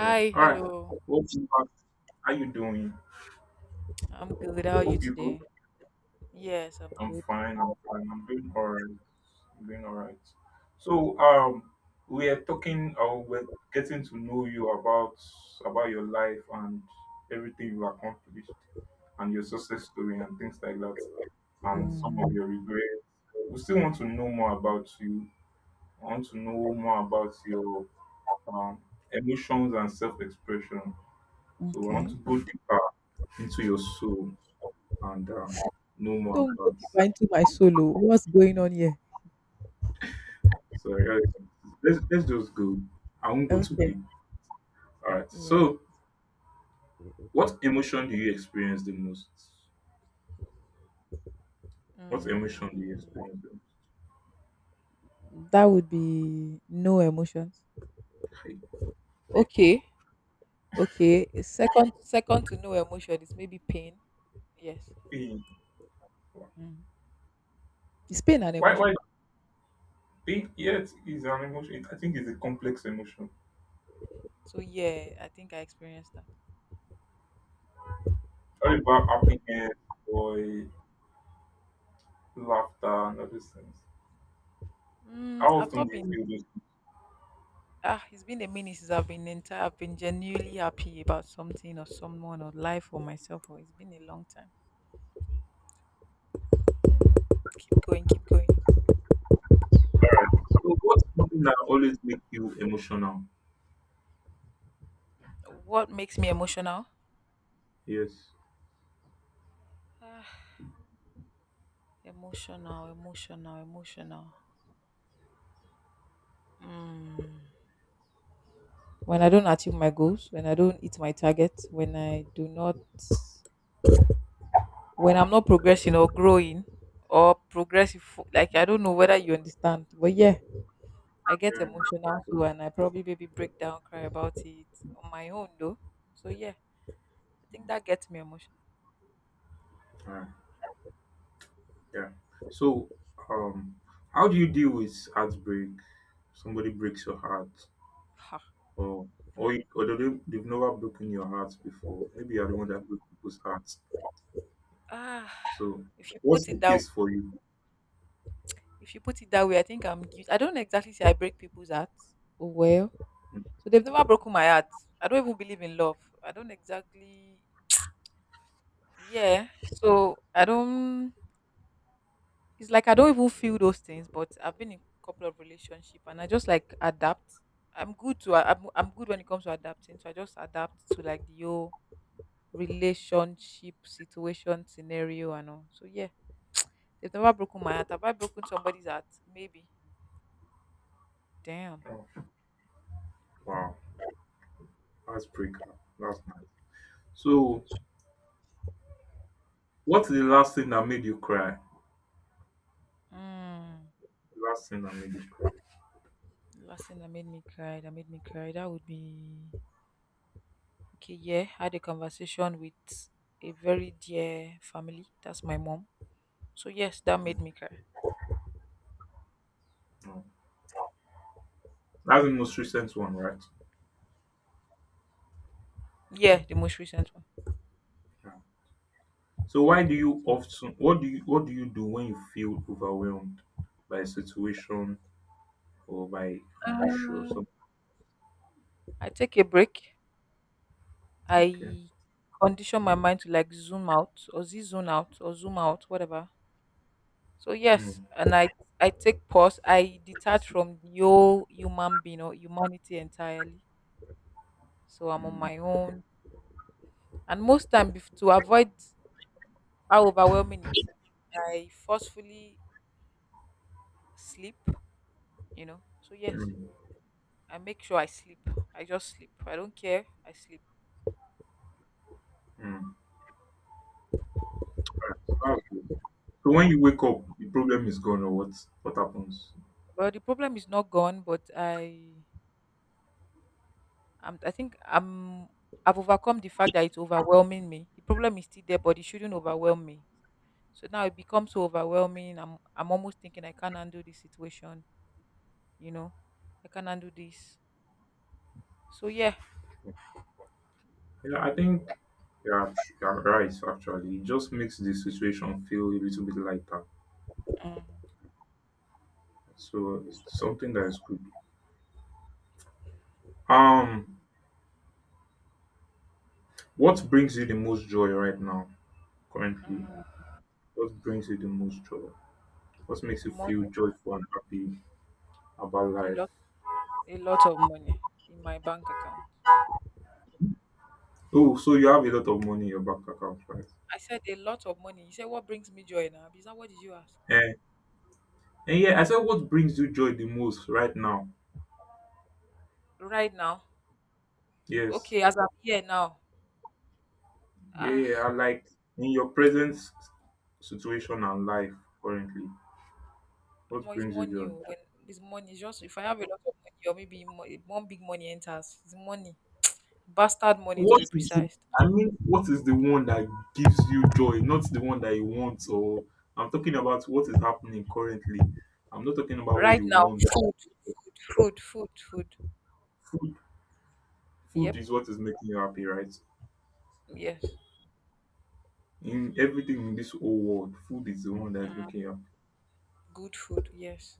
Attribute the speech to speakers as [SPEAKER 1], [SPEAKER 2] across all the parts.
[SPEAKER 1] Yeah. All right.
[SPEAKER 2] hello.
[SPEAKER 1] What's up? How you doing?
[SPEAKER 2] I'm good. How are you
[SPEAKER 1] Hope you're good.
[SPEAKER 2] today? Yes, I'm
[SPEAKER 1] I'm
[SPEAKER 2] good.
[SPEAKER 1] fine. I'm fine. I'm doing all right. I'm doing all right. So we are talking. We're getting to know you about your life and everything you accomplished, and your success story and things like that, and some of
[SPEAKER 2] Mhm.
[SPEAKER 1] your regrets. We still want to know more about you. I want to know more about your um, emotions and self-expression. So I want to
[SPEAKER 2] Okay.
[SPEAKER 1] go deeper into your soul and know more
[SPEAKER 2] Don't go
[SPEAKER 1] about.
[SPEAKER 2] deep into my solo. What's going on here?
[SPEAKER 1] So let's just go. I won't go too
[SPEAKER 2] Okay.
[SPEAKER 1] deep. All right.
[SPEAKER 2] Yeah.
[SPEAKER 1] So what emotion do you experience the most?
[SPEAKER 2] Mm,
[SPEAKER 1] What emotion do you experience the most?
[SPEAKER 2] That would be no emotions. Okay, okay. Second to no emotion is maybe pain. Yes.
[SPEAKER 1] Pain.
[SPEAKER 2] Mm. It's pain and
[SPEAKER 1] Why
[SPEAKER 2] emotion.
[SPEAKER 1] pain? Yet is an emotion. I think it's a complex emotion.
[SPEAKER 2] So yeah, I think I experienced that.
[SPEAKER 1] Sorry about happiness, joy, laughter, and all these things. How
[SPEAKER 2] I've
[SPEAKER 1] often
[SPEAKER 2] not
[SPEAKER 1] do you
[SPEAKER 2] been.
[SPEAKER 1] feel those?
[SPEAKER 2] It's been a minute since I've been genuinely happy about something or someone or life or myself. Or it's been a long time.
[SPEAKER 1] Things?
[SPEAKER 2] Keep going, keep going.
[SPEAKER 1] All right. So what's something that always makes you emotional?
[SPEAKER 2] What makes me emotional?
[SPEAKER 1] Yes.
[SPEAKER 2] Ah, emotional, emotional, emotional. Mm. When I don't achieve my goals, when I don't hit my target, when I'm not progressing or growing or progressive, like I don't know whether you understand, but yeah, I get
[SPEAKER 1] Yeah,
[SPEAKER 2] emotional
[SPEAKER 1] yeah.
[SPEAKER 2] too, and I probably maybe break down, cry about it on my own though. So yeah. I think that gets me emotional.
[SPEAKER 1] Uh, yeah. So, um, how do you deal with heartbreak? Somebody breaks your heart,
[SPEAKER 2] Ha.
[SPEAKER 1] or or they've never broken your heart before. Maybe you're the one that broke people's hearts.
[SPEAKER 2] Ah,
[SPEAKER 1] So,
[SPEAKER 2] if you
[SPEAKER 1] what's
[SPEAKER 2] put
[SPEAKER 1] the
[SPEAKER 2] it that way,
[SPEAKER 1] case for you?
[SPEAKER 2] if you put it that way, I think I don't exactly say I break people's hearts. Oh well,
[SPEAKER 1] Mm.
[SPEAKER 2] so they've never broken my heart. I don't even believe in love. I don't exactly. Yeah, so I don't. It's like I don't even feel those things. But I've been in a couple of relationship, and I just like adapt. I'm good to. I'm good when it comes to adapting. So I just adapt to like the whole relationship situation scenario and all. So yeah. They've never broken my heart. Have I broken somebody's heart? Maybe. Damn.
[SPEAKER 1] Oh, wow, heartbreaker. That's nice. So, what's the last thing that made you cry?
[SPEAKER 2] Mm.
[SPEAKER 1] The last thing that made you cry.
[SPEAKER 2] The last thing that made me cry, that would be okay. Yeah, I had a conversation with a very dear family. That's my mom. So yes, that
[SPEAKER 1] Yeah.
[SPEAKER 2] made me cry.
[SPEAKER 1] Oh. That's the most recent one, right?
[SPEAKER 2] Yeah, the most recent one.
[SPEAKER 1] Yeah. So why do you often what do you do when you feel overwhelmed by a situation or by an
[SPEAKER 2] Uh,
[SPEAKER 1] issue or something?
[SPEAKER 2] I take a break.
[SPEAKER 1] Okay.
[SPEAKER 2] I condition my mind to like zoom out or z zone out or zoom out, whatever. So yes,
[SPEAKER 1] Mm,
[SPEAKER 2] and I take pause. I detach from the whole human being or humanity entirely. So I'm on
[SPEAKER 1] mm,
[SPEAKER 2] my own. And most time to avoid how overwhelming it is, I forcefully sleep, you know. So yes,
[SPEAKER 1] mm,
[SPEAKER 2] I make sure I sleep. I just sleep. I don't care. I sleep.
[SPEAKER 1] mm. Alright, so that's good. So when you wake up, the problem is gone or what happens?
[SPEAKER 2] Well, the problem is not gone, but I think I've overcome the fact that it's overwhelming me. The problem is still there, but it shouldn't overwhelm me. So now it becomes so overwhelming. I'm almost thinking I can't handle this situation, you know. I can't handle this. So yeah.
[SPEAKER 1] Yeah, I think you're right actually. It just makes the situation feel a little bit lighter.
[SPEAKER 2] Mm,
[SPEAKER 1] So it's something that is good. Um what brings you the most joy right now currently?
[SPEAKER 2] mm,
[SPEAKER 1] What brings you the most joy? What makes you
[SPEAKER 2] Money.
[SPEAKER 1] feel joyful and happy about
[SPEAKER 2] A
[SPEAKER 1] life?
[SPEAKER 2] lot a lot of money in my bank account.
[SPEAKER 1] Oh, so you have a lot of money in your bank account, right?
[SPEAKER 2] I said a lot of money. You said what brings me joy now? Is that what did you ask?
[SPEAKER 1] And, and yeah, I said what brings you joy the most right now?
[SPEAKER 2] Right now.
[SPEAKER 1] Yes.
[SPEAKER 2] Okay, as I'm here now.
[SPEAKER 1] Yeah, yeah.
[SPEAKER 2] Ah,
[SPEAKER 1] I Like in your situation and life currently, what
[SPEAKER 2] More is
[SPEAKER 1] brings you
[SPEAKER 2] money.
[SPEAKER 1] joy?
[SPEAKER 2] Oh, when it's money, it's just if I have a lot of money or maybe one big money enters, it's money. Bastard money to
[SPEAKER 1] What
[SPEAKER 2] be
[SPEAKER 1] is it?
[SPEAKER 2] precise.
[SPEAKER 1] I mean, what is the one that gives you joy, not the one that you want? Or I'm talking about what is happening currently. I'm not talking about what
[SPEAKER 2] Right
[SPEAKER 1] you
[SPEAKER 2] now,
[SPEAKER 1] want.
[SPEAKER 2] food, food, food, food.
[SPEAKER 1] Food, food
[SPEAKER 2] Yep,
[SPEAKER 1] is what is making you happy, right?
[SPEAKER 2] yes.
[SPEAKER 1] In everything in this whole world, food is the one that's making you happy.
[SPEAKER 2] Good food, yes.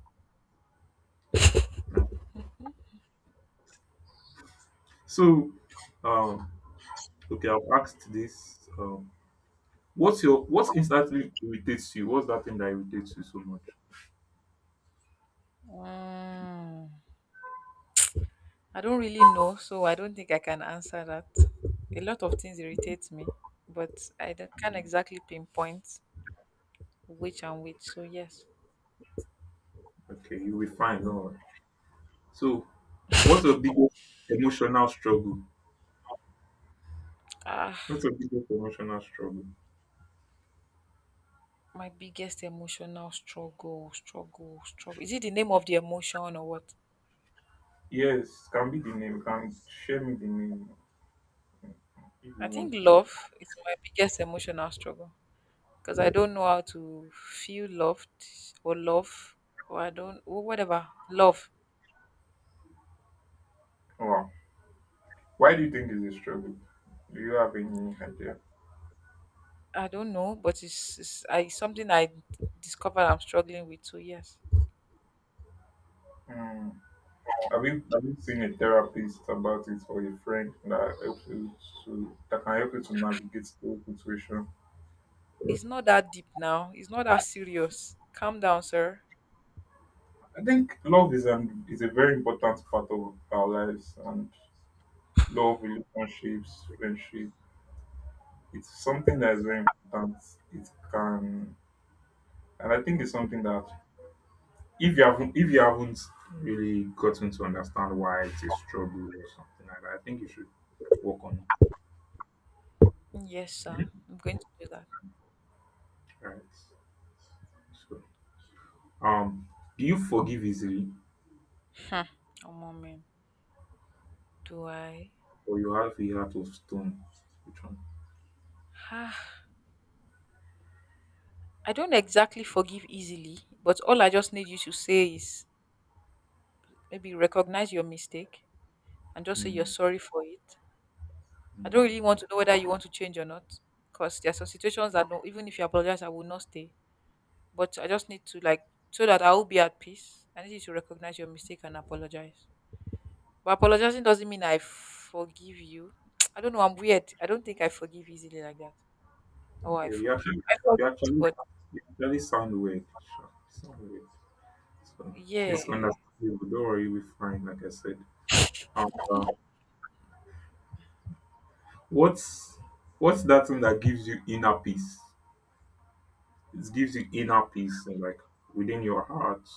[SPEAKER 1] Right. So, um, okay, I've asked this. What instantly irritates you? What's that thing that irritates you so much?
[SPEAKER 2] Mm. I don't really know, so I don't think I can answer that. A lot of things irritate me, but I don't- can't
[SPEAKER 1] Mm,
[SPEAKER 2] exactly pinpoint which and which. So yes.
[SPEAKER 1] Okay, you'll be fine. Do So, what's your biggest emotional struggle?
[SPEAKER 2] Ah,
[SPEAKER 1] What's your biggest emotional struggle?
[SPEAKER 2] my biggest emotional struggle. Is it the name of the emotion or what?
[SPEAKER 1] Yes, can be the name. Can share me the name if you
[SPEAKER 2] I think
[SPEAKER 1] want.
[SPEAKER 2] love is my biggest emotional struggle because I don't know how to feel loved or love or I don't or whatever love.
[SPEAKER 1] Wow. Why do you think it's a struggle? Do you have any idea?
[SPEAKER 2] I don't know, but it's I it's something I discovered I'm struggling with. So yes.
[SPEAKER 1] Hmm. Have you seen a therapist about it or a friend that helps you to that can help you to navigate the whole situation?
[SPEAKER 2] It's not that deep now. It's not that serious. Calm down, sir.
[SPEAKER 1] I think love is an is a very important part of our lives and love, relationships, friendship. It's something that is very important. It can and I think it's something that if you haven't really gotten to understand why it's a struggle or something like that, I think you should work on it.
[SPEAKER 2] Yes, sir. I'm going to do that.
[SPEAKER 1] Right. So um do you forgive easily?
[SPEAKER 2] Hmm. Oh, moment. Do I?
[SPEAKER 1] Or you have a heart of stone. Which one?
[SPEAKER 2] Ah, I don't exactly forgive easily, but all I just need you to say is maybe recognize your mistake and just say you're
[SPEAKER 1] Mm,
[SPEAKER 2] sorry for it. I don't really
[SPEAKER 1] mm.
[SPEAKER 2] want to know whether you want to change or not, because there are some situations that no, even if you apologize, I will not stay. But I just need to like so that I will be at peace. I need you to recognize your mistake and apologize. But apologizing doesn't mean I forgive you. I don't know. I'm weird. I don't think I forgive easily like that. Oh, I
[SPEAKER 1] Yeah, you
[SPEAKER 2] forgive.
[SPEAKER 1] actually,
[SPEAKER 2] I
[SPEAKER 1] you
[SPEAKER 2] forgive,
[SPEAKER 1] actually,
[SPEAKER 2] but
[SPEAKER 1] you actually sound weird. Sure, you sound weird. So
[SPEAKER 2] yeah,
[SPEAKER 1] it's understandable. Don't worry, you'll be fine. Like I said. And what's what's that thing that gives you inner peace? It gives you inner peace, and like within your heart,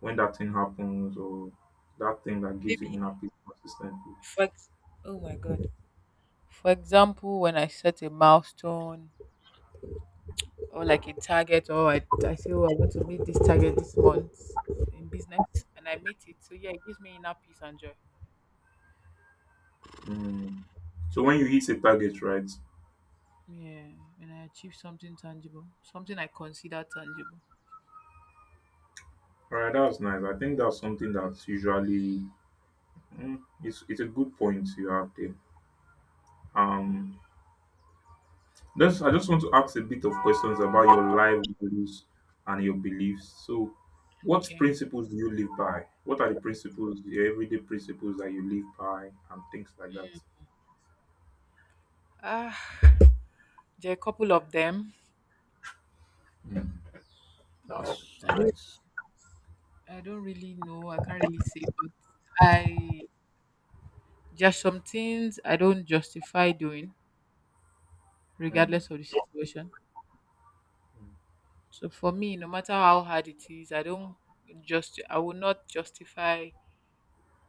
[SPEAKER 1] when that thing happens, or that thing that gives you
[SPEAKER 2] maybe.
[SPEAKER 1] inner peace consistently.
[SPEAKER 2] For ex- oh my god. For example, when I set a milestone or like a target, or I say, oh, I'm going to meet this target this month in business, and I meet it. So yeah, it gives me inner peace and joy.
[SPEAKER 1] Mm. So when you hit a target, right?
[SPEAKER 2] Yeah, when I achieve something tangible, something I consider tangible.
[SPEAKER 1] All right, that's nice. I think that's something that's usually, it's a good point you have there. Um, just I just want to ask a bit of questions about your life values and your beliefs. So, what
[SPEAKER 2] Okay.
[SPEAKER 1] principles do you live by? What are the principles, the everyday principles that you live by, and things like that?
[SPEAKER 2] Ah, there are a couple of them. I don't I don't really know. I can't really say, but I just some things I don't justify doing,
[SPEAKER 1] Mm,
[SPEAKER 2] regardless of the situation.
[SPEAKER 1] mm,
[SPEAKER 2] So for me, no matter how hard it is, I will not justify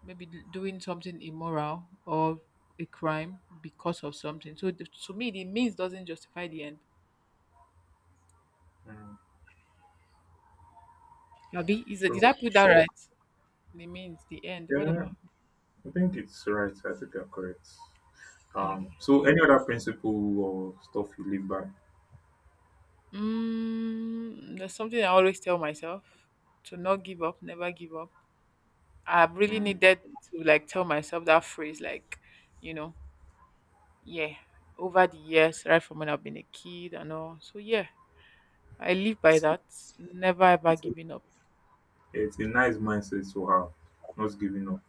[SPEAKER 2] maybe doing something immoral or a crime because of something. So to me, the means doesn't justify the end.
[SPEAKER 1] mm.
[SPEAKER 2] Abi, is it, did
[SPEAKER 1] Sure.
[SPEAKER 2] I put that right? The means, the end,
[SPEAKER 1] Yeah,
[SPEAKER 2] whatever.
[SPEAKER 1] I think it's right. I think you're correct.
[SPEAKER 2] Okay.
[SPEAKER 1] So any other principle or stuff you live by?
[SPEAKER 2] There's something I always tell myself to not give up, never give up. I really
[SPEAKER 1] Mm.
[SPEAKER 2] needed to like tell myself that phrase, like, you know, yeah, over the years, right from when I've been a kid and all. So yeah, I live by
[SPEAKER 1] It's,
[SPEAKER 2] that. Never ever
[SPEAKER 1] it's a
[SPEAKER 2] giving up.
[SPEAKER 1] It's a nice mindset to have, not giving up.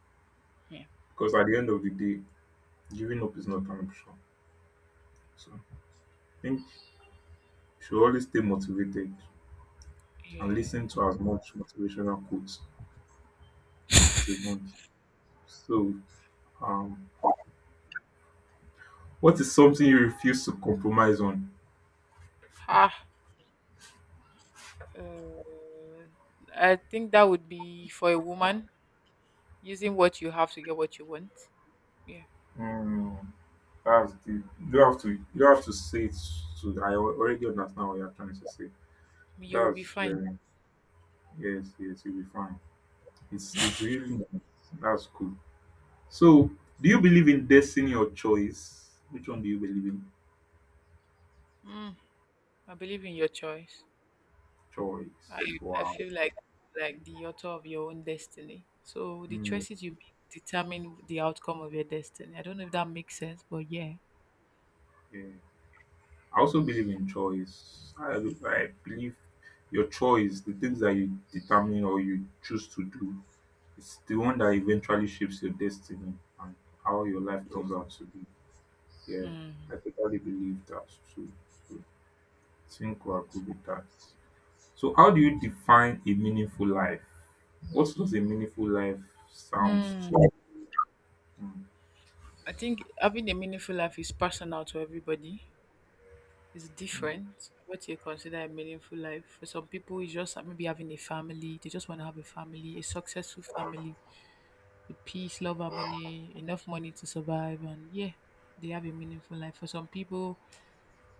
[SPEAKER 2] Yeah.
[SPEAKER 1] Because at the end of the day, giving up is not an option. So I think you should always stay motivated and
[SPEAKER 2] Yeah.
[SPEAKER 1] listen to as much motivational quotes as you want. So, um, what is something you refuse to compromise on?
[SPEAKER 2] Ah. Uh, I think that would be for a woman using what you have to get what you want. Yeah.
[SPEAKER 1] Hmm, that's the you don't have to say it. I already understand what you're trying to say.
[SPEAKER 2] You'll be
[SPEAKER 1] That's
[SPEAKER 2] fine.
[SPEAKER 1] very yes, yes, you'll be fine. It's really nice. That's cool. So, do you believe in destiny or choice? Which one do you believe in?
[SPEAKER 2] Mm, I believe in your choice. I,
[SPEAKER 1] Choice.
[SPEAKER 2] I
[SPEAKER 1] Wow.
[SPEAKER 2] feel like the author of your own destiny. So the
[SPEAKER 1] Mm,
[SPEAKER 2] choices you make determine the outcome of your destiny. I don't know if that makes sense, but yeah.
[SPEAKER 1] yeah. I also believe in choice. I believe your choice, the things that you determine or you choose to do, it's the one that eventually shapes your destiny and how your life turns out to be. Yeah, I totally believe that too. So, I think we agree with that. So, how do you define a meaningful life? What does a meaningful life sound to?
[SPEAKER 2] Hmm.
[SPEAKER 1] Hmm.
[SPEAKER 2] I think having a meaningful life is personal to everybody. It's different. What you consider a meaningful life, for some people it's just maybe having a family. They just want to have a family, a successful family with peace, love, harmony, enough money to survive, and yeah, they have a meaningful life. For some people,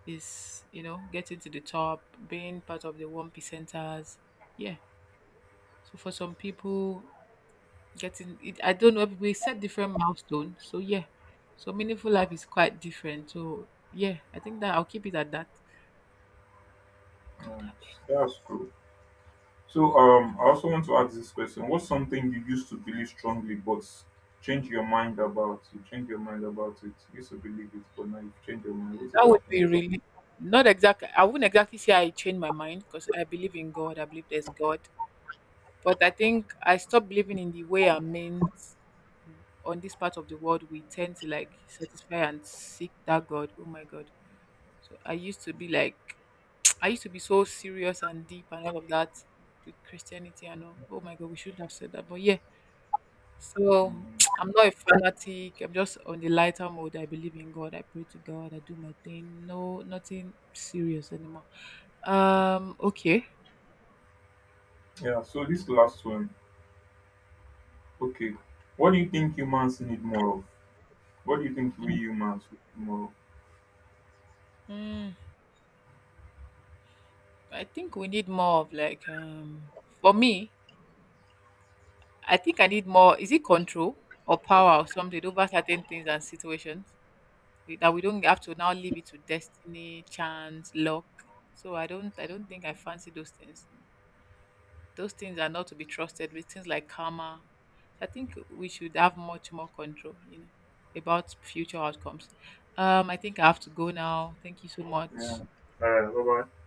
[SPEAKER 2] is you know getting to the top, being part of the one percenters. Yeah. So for some people getting it, I don't know, we set different milestones. So yeah, so meaningful life is quite different. So yeah, I think that I'll keep it at that. God,
[SPEAKER 1] Right.
[SPEAKER 2] I beg.
[SPEAKER 1] That's cool. So I also want to ask this question: What's something you used to believe strongly, but change your mind about? You change your mind about it. You used to believe it, but now you change your mind. What
[SPEAKER 2] That
[SPEAKER 1] is
[SPEAKER 2] would
[SPEAKER 1] that thing?
[SPEAKER 2] be really not exactly. I wouldn't exactly say I changed my mind because I believe in God. I believe there's God, but I think I stopped believing in the way I meant. On this part of the world we tend to like satisfy and seek that god. Oh my god. So I used to be like, I used to be so serious and deep and all of that with Christianity and all. Oh my God, we shouldn't have said that. But yeah, so
[SPEAKER 1] Hmm.
[SPEAKER 2] I'm not a fanatic. I'm just on the lighter mode. I believe in God. I pray to God. I do my thing. No, nothing serious anymore. Okay.
[SPEAKER 1] Yeah. So this last one. Okay. What do you think humans need more of? What do you think we humans need more of?
[SPEAKER 2] Mm, I think we need more of like, for me, I think I need more. Is it control or power or something over certain things and situations? That we don't have to now leave it to destiny, chance, luck. So I don't think I fancy those things. Those things are not to be trusted, with things like karma. So I think we should have much more control, you know, about future outcomes. I think I have to go now. Thank you so
[SPEAKER 1] Yeah.
[SPEAKER 2] much.
[SPEAKER 1] All right. Bye bye.